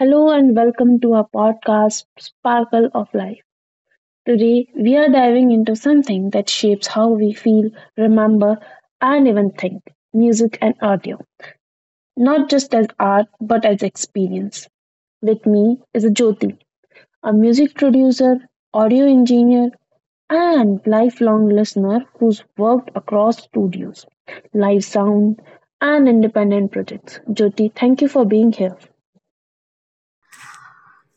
Hello and welcome to our podcast, Sparkle of Life. Today, we are diving into something that shapes how we feel, remember, and even think music and audio, not just as art but as experience. With me is Jyoti, a music producer, audio engineer, and lifelong listener who's worked across studios, live sound, and independent projects. Jyoti, thank you for being here.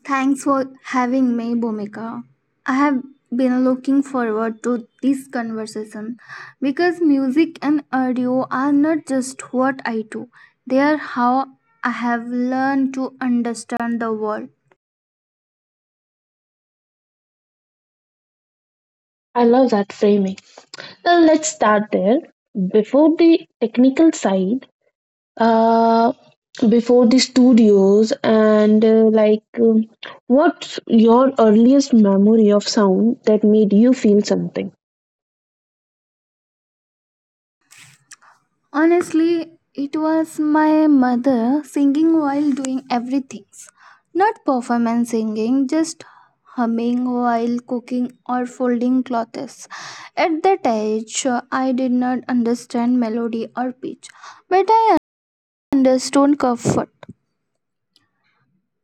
Thanks for having me, Bhumika. I have been looking forward to this conversation because music and audio are not just what I do, they are how I have learned to understand the world. I love that framing. Well, let's start there. Before the technical side, uh, before the studios, and like, what's your earliest memory of sound that made you feel something? Honestly, it was my mother singing while doing everything. Not performance singing, just humming while cooking or folding clothes. At that age, I did not understand melody or pitch, but I understood comfort.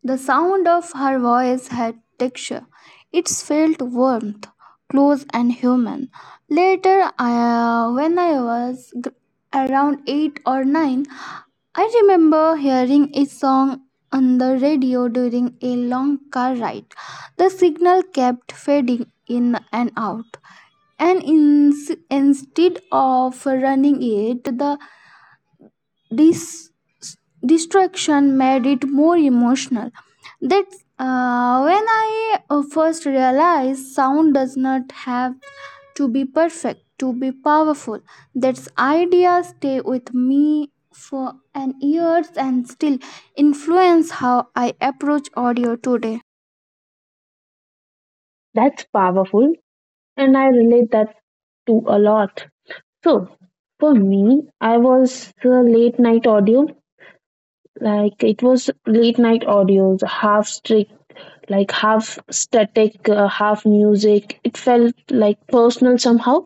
The sound of her voice had texture. It felt warmth, close, and human. Later, I, when I was gr- around 8 or 9, I remember hearing a song on the radio during a long car ride. The signal kept fading in and out, and in, instead of running it, the dis- distraction made it more emotional. That's when I first realized sound does not have to be perfect, to be powerful. That idea stay with me for an years and still influence how I approach audio today. That's powerful, and I relate that to a lot. So, for me, I was late night audio. Like, it was late night audios, half strict, like half static, half music. It felt like personal somehow.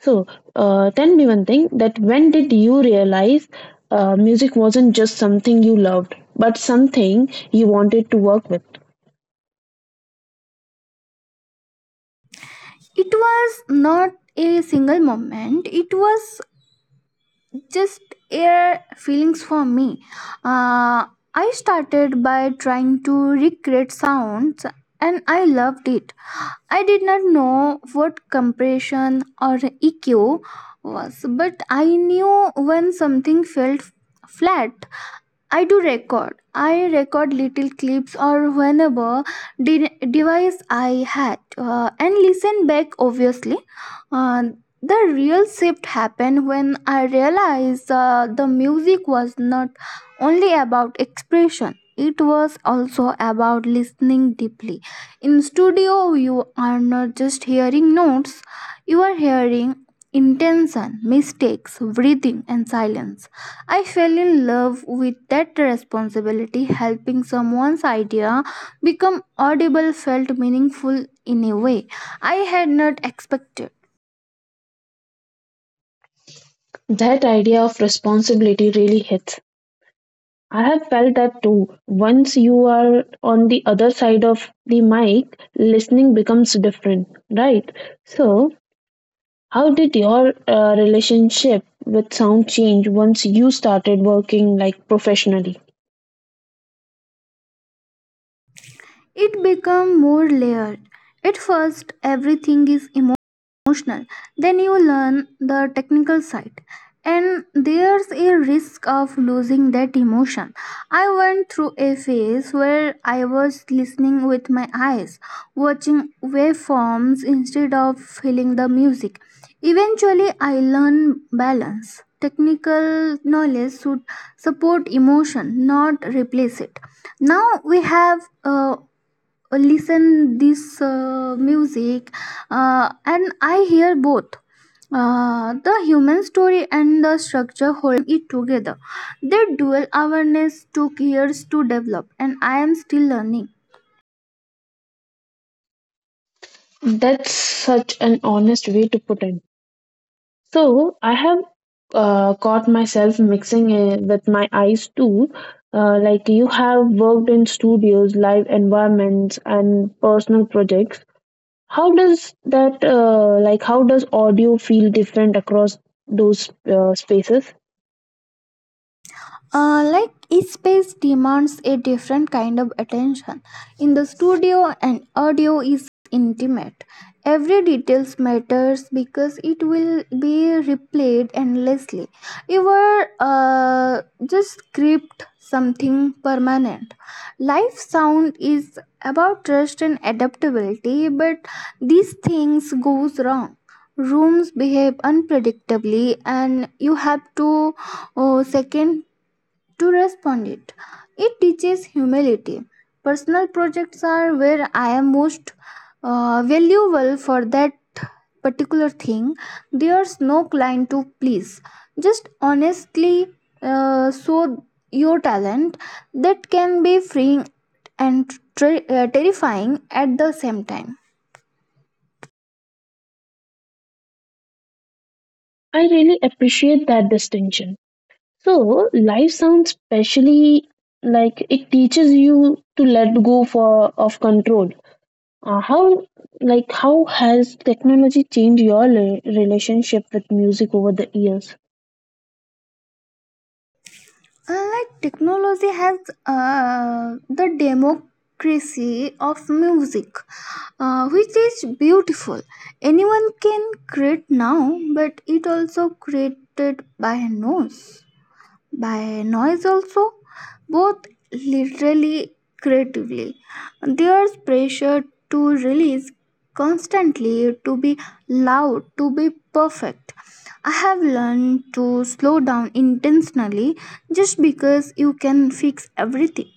So, tell me one thing, that when did you realize music wasn't just something you loved but something you wanted to work with? It was not a single moment, it was just air feelings for me. Uh, I started by trying to recreate sounds, and I loved it. I did not know what compression or EQ was, but I knew when something felt flat. I do record. I record little clips or whenever device I had, and listen back. Obviously, Uh, the real shift happened when I realized the music was not only about expression. It was also about listening deeply. In studio, you are not just hearing notes; you are hearing intention, mistakes, breathing, and silence. I fell in love with that responsibility. Helping someone's idea become audible felt meaningful in a way I had not expected. That idea of responsibility really hits. I have felt that too. Once you are on the other side of the mic, listening becomes different, right? So how did your relationship with sound change once you started working, like, professionally? It become more layered. At first, everything is emotional, then you learn the technical side, and there's a risk of losing that emotion. I went through a phase where I was listening with my eyes, watching waveforms instead of feeling the music. Eventually I learned balance. Technical knowledge should support emotion, not replace it. Now we have uh, listen this music, and I hear both the human story and the structure holding it together. That dual awareness took years to develop, and I am still learning. That's such an honest way to put it. So I have caught myself mixing it with my eyes too. Like, you have worked in studios, live environments, and personal projects. How does audio feel different across those spaces? Like each space demands a different kind of attention. In the studio, an audio is intimate. Every details matters because it will be replayed endlessly. You were just script something permanent. Live sound is about trust and adaptability, but these things goes wrong. Rooms behave unpredictably, and you have to oh, second to respond, it teaches humility. Personal projects are where I am most valuable for that particular thing. There's no client to please. Just honestly show your talent. That can be freeing and terrifying at the same time. I really appreciate that distinction. So life sounds specially, like, it teaches you to let go for of control. Uh, how how has technology changed your relationship with music over the years? Like technology has the democracy of music, which is beautiful. Anyone can create now, but it also created by no by noise, also both literally creatively. There's pressure to release constantly, to be loud, to be perfect. I have learned to slow down intentionally. Just because you can fix everything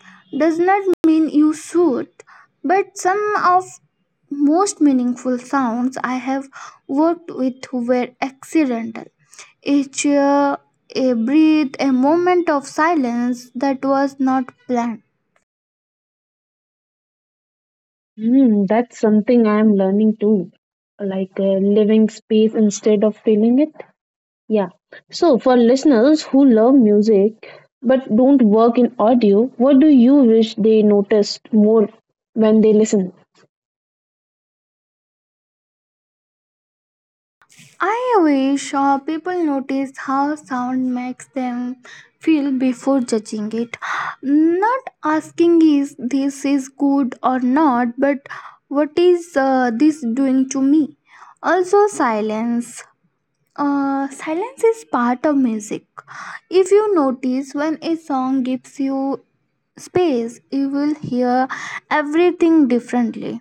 does not mean you should. But some of most meaningful sounds I have worked with were accidental, each a breathe, a moment of silence that was not planned. That's something I am learning too. Like, living space instead of feeling it. Yeah. So for listeners who love music but don't work in audio, what do you wish they noticed more when they listen? I wish people notice how sound makes them feel before judging it. Not asking is this is good or not, but what is this doing to me? Also, silence is part of music. If you notice when a song gives you space, you will hear everything differently.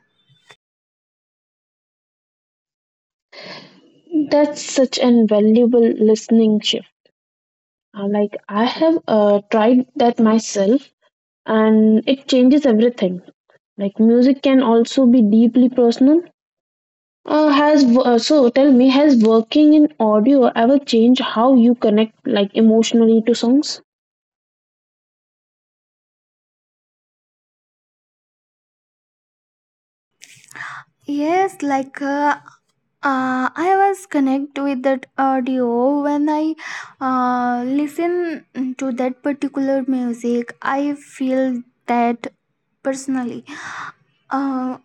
That's such an valuable listening shift. Like, I have tried that myself, and it changes everything. Like, music can also be deeply personal. So tell me, has working in audio ever changed how you connect, like emotionally, to songs? Yes, like I was connect with that audio when I listen to that particular music. I feel that personally. Uh,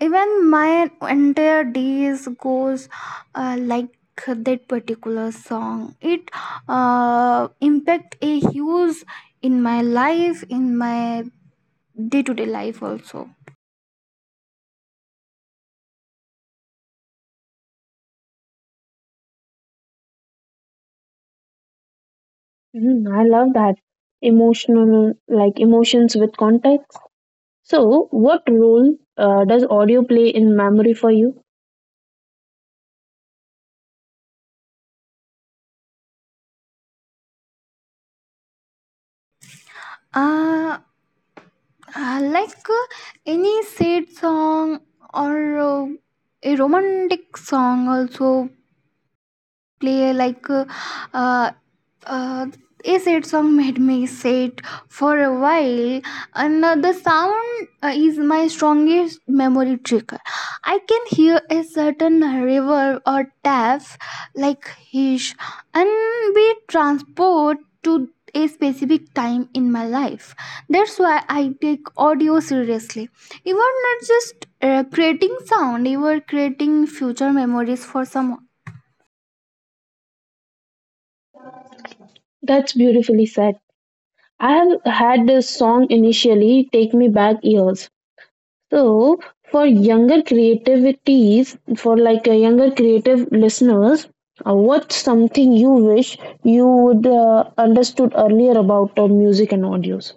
Even my entire days goes like that particular song, it impact a huge in my life, in my day-to-day life also, I love that, emotional, like emotions with context. So, what role does audio play in memory for you? uh, like, any sad song or a romantic song also play like, uh, uh, a sad song made me sad for a while. And the sound is my strongest memory trigger. I can hear a certain river or tap like hish and be transported to a specific time in my life. That's why I take audio seriously. You are not just creating sound, you are creating future memories for someone. That's beautifully said. I have had this song initially take me back years. So for, like, a younger creative listeners, what's something you wish you would understood earlier about music and audios?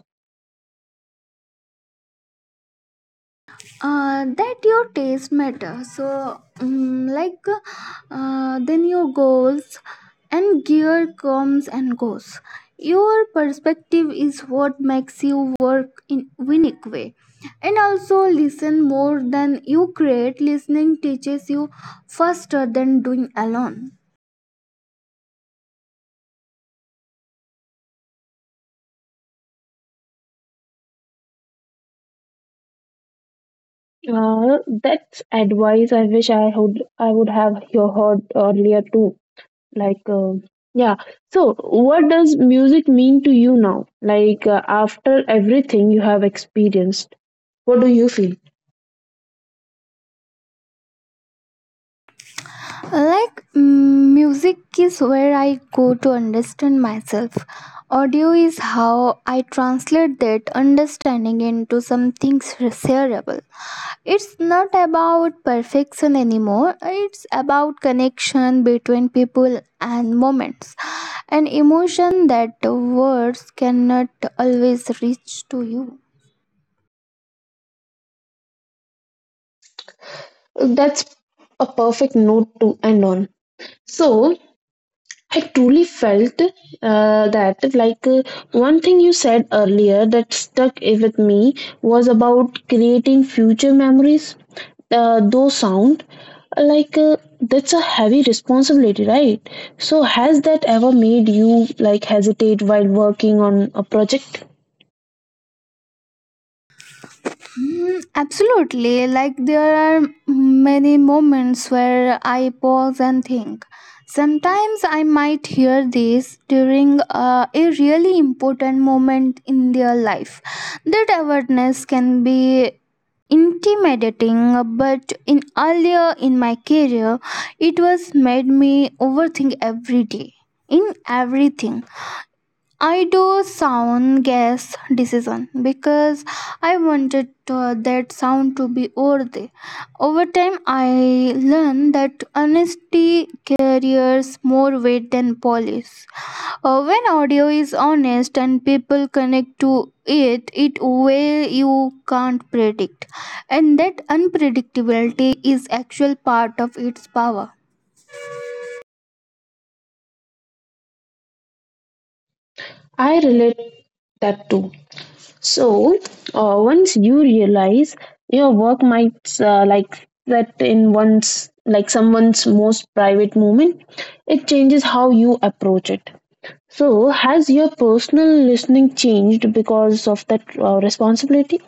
That your taste matter. So, like, then your goals and gear comes and goes. Your perspective is what makes you work in unique way. And also, listen more than you create. Listening teaches you faster than doing alone. That's advice I wish I would have you heard earlier too. Like, yeah. So what does music mean to you now? Like, after everything you have experienced, what do you feel? Like, music is where I go to understand myself. Audio is how I translate that understanding into something shareable. It's not about perfection anymore, it's about connection between people and moments, an emotion that words cannot always reach to you. That's a perfect note to end on. So I truly felt that, like, one thing you said earlier that stuck with me was about creating future memories. Those sound like that's a heavy responsibility, right? So has that ever made you, like, hesitate while working on a project? Mm, Absolutely. Like there are many moments where I pause and think. Sometimes I might hear this during a really important moment in their life. That awareness can be intimidating, but in earlier in my career, it was made me overthink every day in everything I do, sound guess decision, because I wanted to, that sound to be worthy. Over time, I learned that honesty carries more weight than polish. When audio is honest and people connect to it, it way you can't predict, and that unpredictability is actual part of its power. I relate that too. So, once you realize your work might like that in one's like someone's most private moment, it changes how you approach it. So, has your personal listening changed because of that responsibility?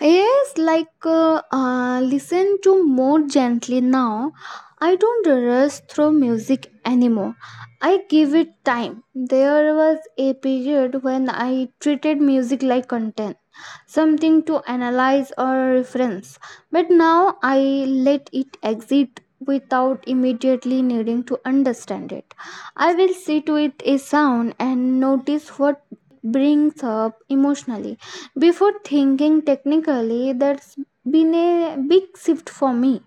Yes, like listen to more gently now. I don't rush through music anymore. I give it time. There was a period when I treated music like content, something to analyze or reference. But now I let it exit without immediately needing to understand it. I will sit with a sound and notice what brings up emotionally before thinking technically. That's been a big shift for me.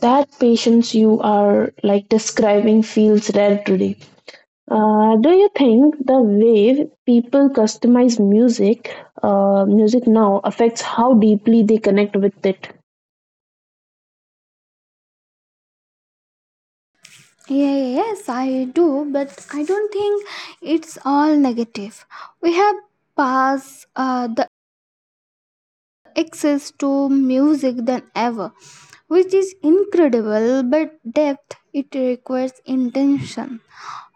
That patience you are, like, describing feels rare today. Do you think the way people customize music now affects how deeply they connect with it? Yeah, yes, I do, but I don't think it's all negative. We have passed the access to music than ever, which is incredible, but depth it requires intention.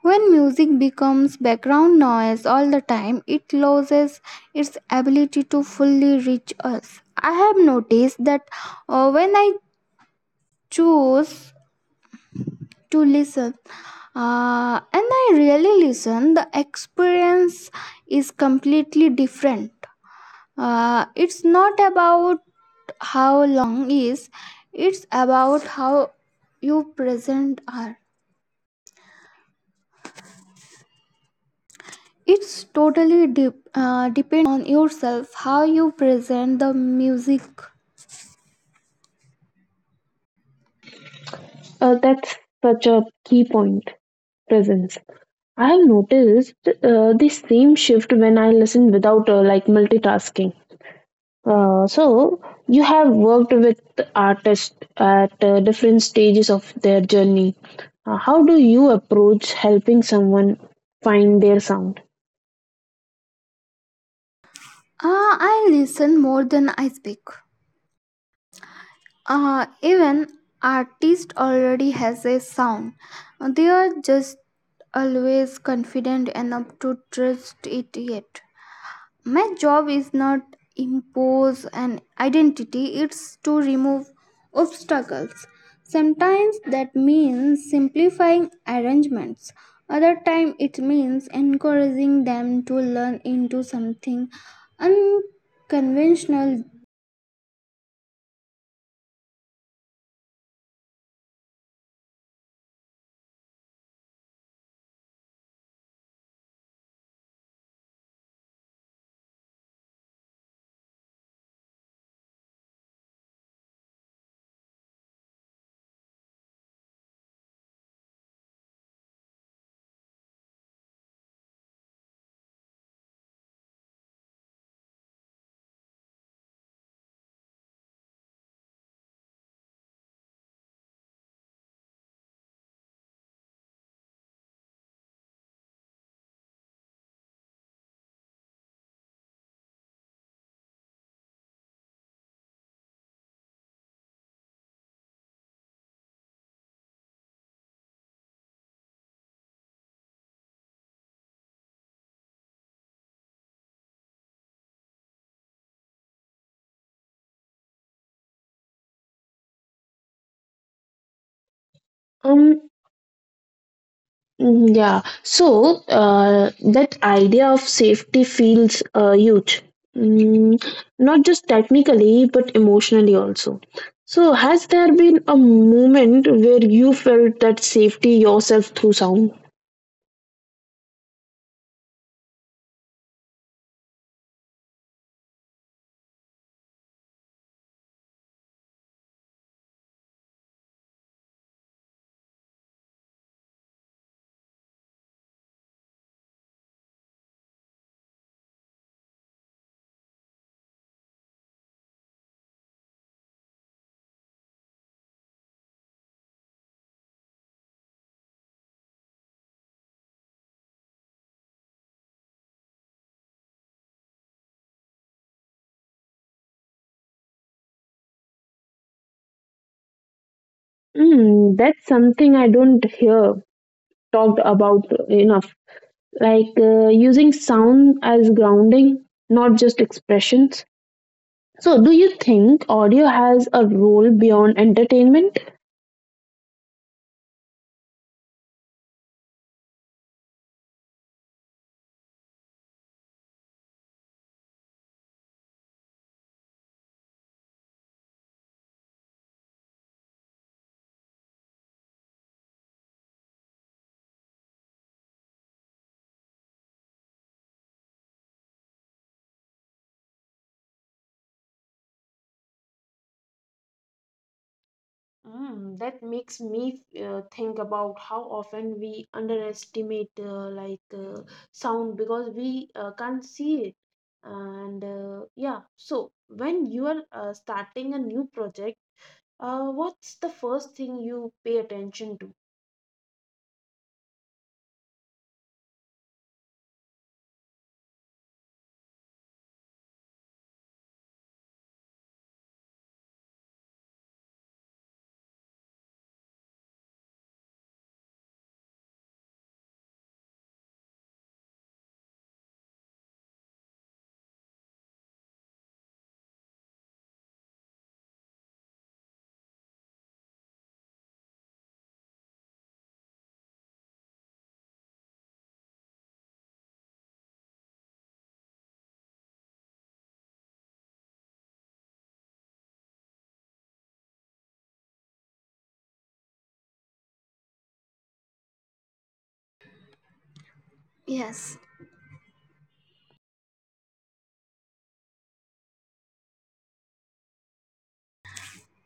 When music becomes background noise all the time, it loses its ability to fully reach us. I have noticed that when I choose to listen and I really listen, the experience is completely different. It's not about how is, it's about how you present are. It's totally depend on yourself, how you present the music. That's such a key point, presence. I have noticed the same shift when I listen without like multitasking. So, you have worked with artists at different stages of their journey. How do you approach helping someone find their sound? I listen more than I speak. Even artist already has a sound, they are just always confident enough to trust it. Yet my job is not impose an identity, it's to remove obstacles. Sometimes that means simplifying arrangements, other time it means encouraging them to learn into something unconventional. Um, Yeah, so that idea of safety feels huge, mm, not just technically but emotionally also. So, has there been a moment where you felt that safety yourself through sound? That's something I don't hear talked about enough. Like, using sound as grounding, not just expressions. So, do you think audio has a role beyond entertainment? That makes me think about how often we underestimate like sound because we can't see it. And yeah, so when you are starting a new project, what's the first thing you pay attention to? Yes.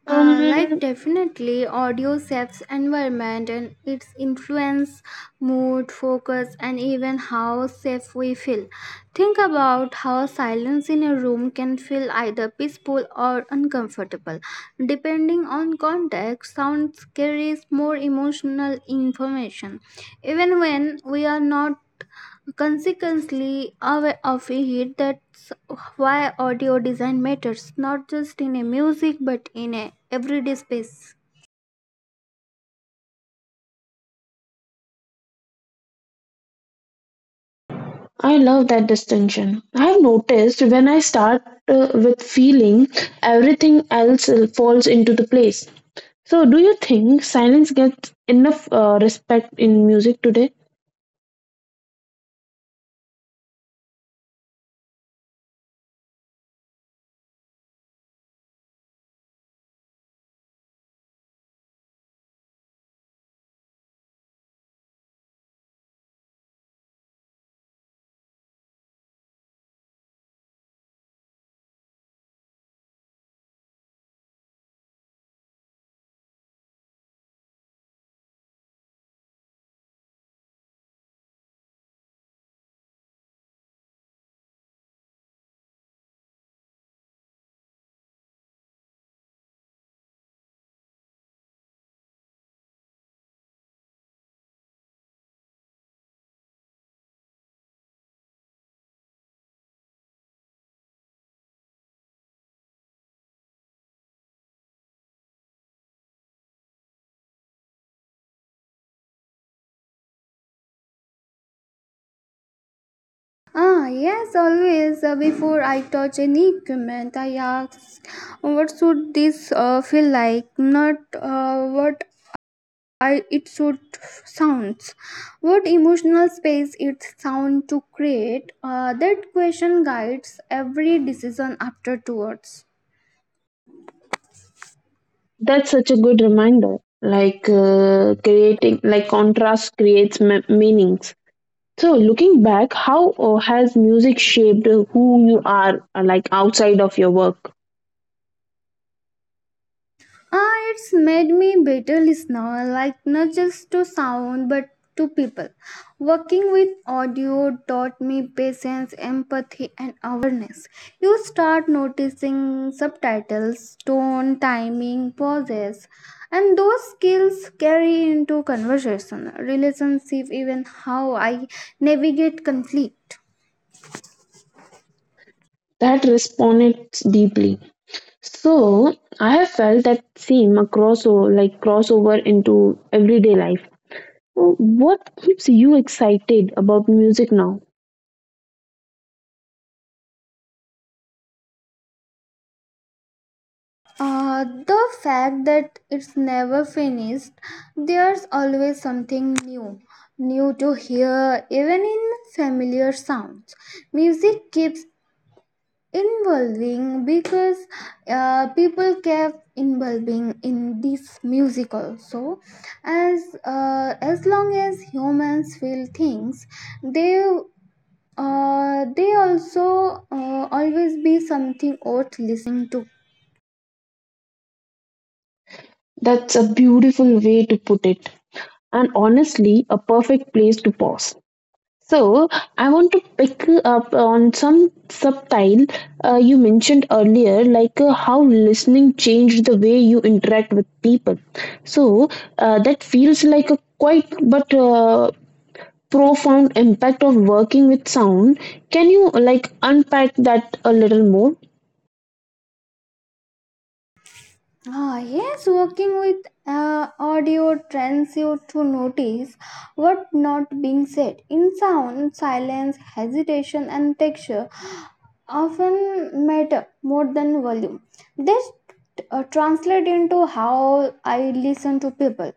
Like Um, definitely audio shapes environment, and its influence mood, focus, and even how safe we feel. Think about how silence in a room can feel either peaceful or uncomfortable depending on context. Sound carries more emotional information even when we are not. Consequently, I feel that's why audio design matters, not just in a music but in a everyday space. I love that distinction. I've noticed when I start with feeling, everything else falls into the place. So, do you think silence gets enough respect in music today? Ah, yes, always. Before I touch any equipment, I ask what should this feel like, not what I it should sounds. What emotional space it sound to create. That question guides every decision after towards. That's such a good reminder. Like, creating, like, contrast creates meanings. So, looking back, how has music shaped who you are, like outside of your work? Ah, it's made me better listener, like not just to sound but to people. Working with audio taught me patience, empathy, and awareness. You start noticing subtitles, tone, timing, pauses, and those skills carry into conversation, relationship, even how I navigate conflict. That resonates deeply. So, I have felt that same across, like crossover into everyday life. So, what keeps you excited about music now? The fact that it's never finished, there's always something new to hear, even in familiar sounds. Music keeps evolving because people kept evolving in this music also. As long as humans feel things, they they also always be something worth listening to. That's a beautiful way to put it, and honestly, a perfect place to pause. So, I want to pick up on some subtile you mentioned earlier, like how listening changed the way you interact with people. So, that feels like a quite but profound impact of working with sound. Can you, like, unpack that a little more? Ah, yes, working with audio trends you to notice what not being said in sound, silence, hesitation, and texture often matter more than volume. They translate into how I listen to people.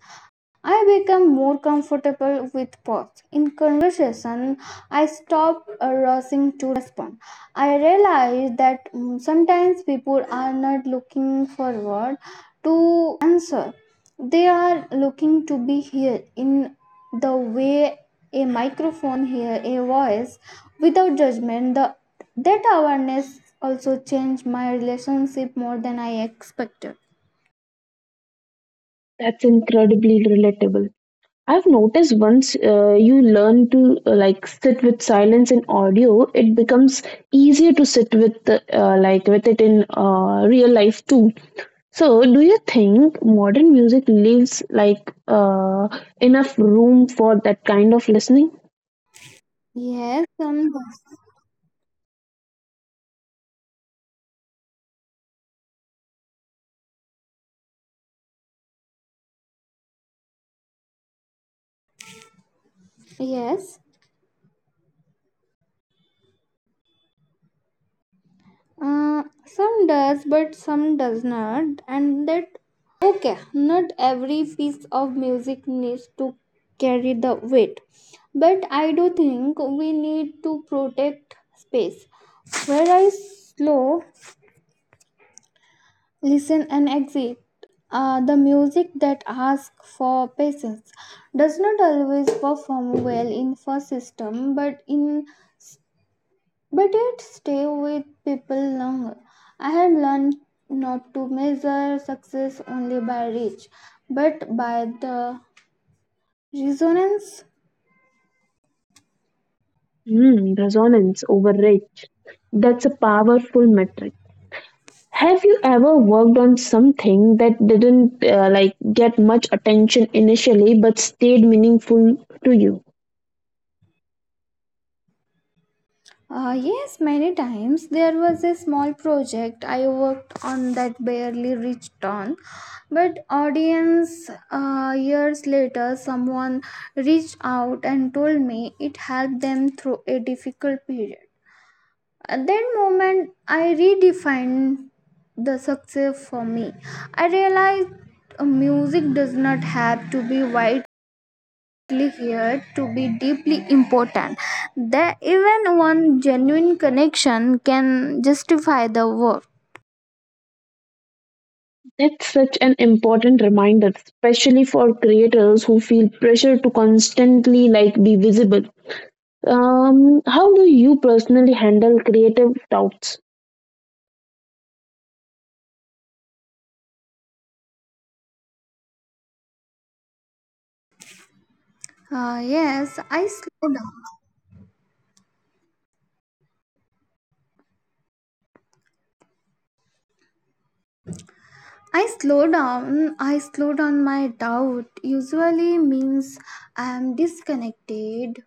I become more comfortable with pause. In conversation, I stop rushing to respond. I realize that sometimes people are not looking forward to answer. They are looking to be heard in the way a microphone hear a voice without judgment, the that awareness also changed my relationship more than I expected. That's incredibly relatable. I've noticed once you learn to like sit with silence in audio, it becomes easier to sit with the, like with it in real life too. So, do you think modern music leaves like enough room for that kind of listening? Yes, some does. Yes, some does, but some does not, and that okay. Not every piece of music needs to carry the weight, but I do think we need to protect space where I slow listen and exit. The music that asks for patience does not always perform well in first system, but in but it stay with people longer. I have learned not to measure success only by reach, but by the resonance. Resonance overrate. That's a powerful metric. Have you ever worked on something that didn't like get much attention initially but stayed meaningful to you? Yes, many times there was a small project I worked on that barely reached on, but audience years later someone reached out and told me it helped them through a difficult period. At that moment, I redefined the success for me. I realized music does not have to be widely heard to be deeply important. That even one genuine connection can justify the work. That's such an important reminder, especially for creators who feel pressure to constantly, like, be visible. How do you personally handle creative doubts? Yes, I slow down my doubt. Usually means I am disconnected.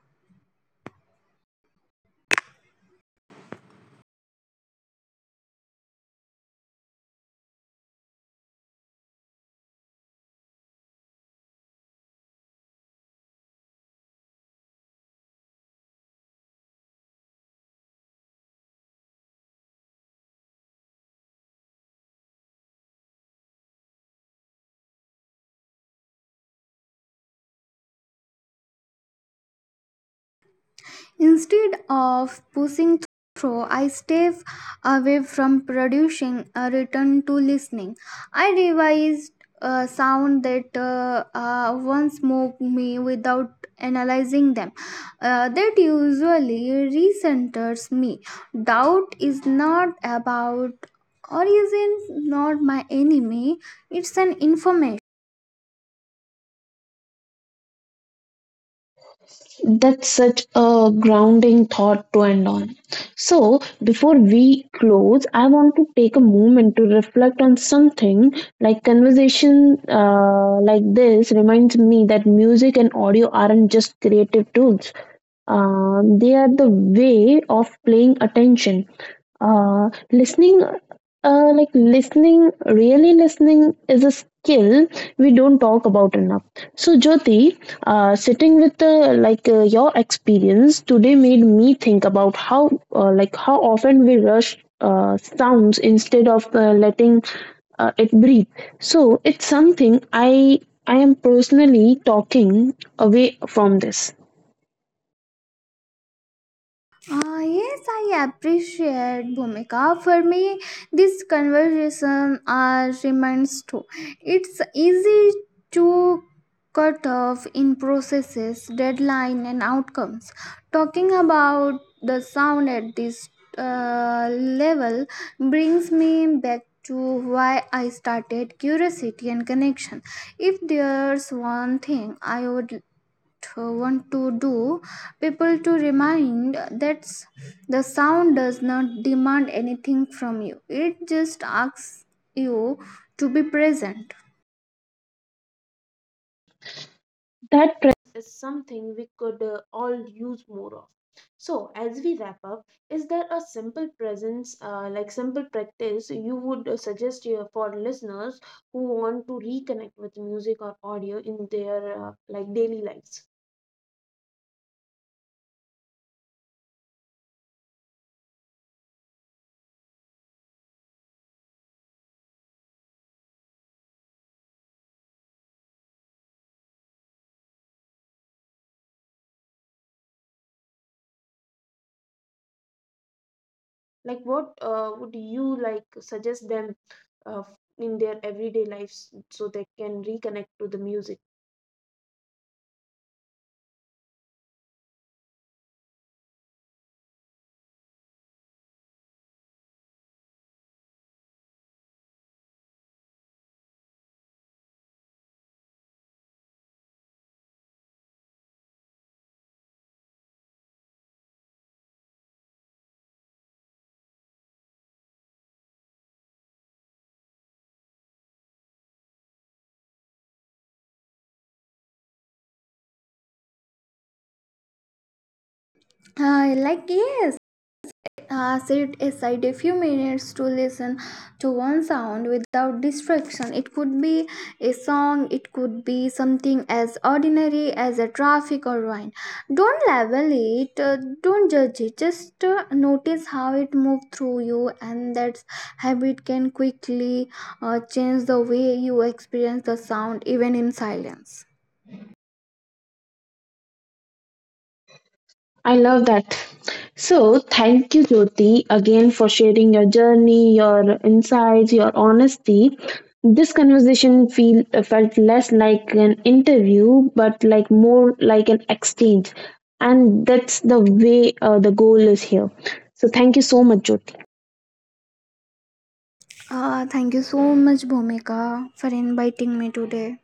Instead of pushing through, I step away from producing a return to listening. I revised a sound that once moved me without analyzing them. That usually recenters me. Doubt is not about or is not my enemy, it's an information. That's such a grounding thought to end on. So, before we close, I want to take a moment to reflect on something. Like, conversation like this reminds me that music and audio aren't just creative tools. They are the way of playing attention, listening. Uh, like, listening, really listening, is a skill we don't talk about enough. So Jyoti, sitting with like your experience today made me think about how like how often we rush sounds instead of letting it breathe. So it's something I am personally talking away from this, Ah yes, I appreciate Bhumika. For me, this conversation remains true. It's easy to cut off in processes, deadline, and outcomes. Talking about the sound at this level brings me back to why I started, curiosity and connection. If there's one thing I would want to do people to remind, that the sound does not demand anything from you, it just asks you to be present. that presence is something we could all use more of. So as we wrap up, is there a simple presence like simple practice you would suggest here for listeners who want to reconnect with music or audio in their like daily lives? Like, what would you like suggest them uh, in their everyday lives so they can reconnect to the music? Like yes, set aside a few minutes to listen to one sound without distraction. It could be a song, it could be something as ordinary as a traffic or wine. Don't label it, don't judge it, just notice how it moves through you, and that habit can quickly change the way you experience the sound, even in silence. I love that. So, thank you, Jyoti, again for sharing your journey, your insights, your honesty. This conversation felt less like an interview, but like more like an exchange, and that's the way the goal is here. So, thank you so much, Jyoti. Thank you so much, Bhumika, for inviting me today.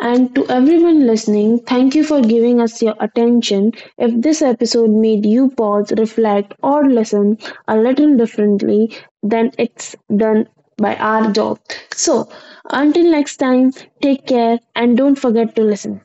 And to everyone listening, thank you for giving us your attention. If this episode made you pause, reflect, or listen a little differently, then it's done by our job. So, until next time, take care and don't forget to listen.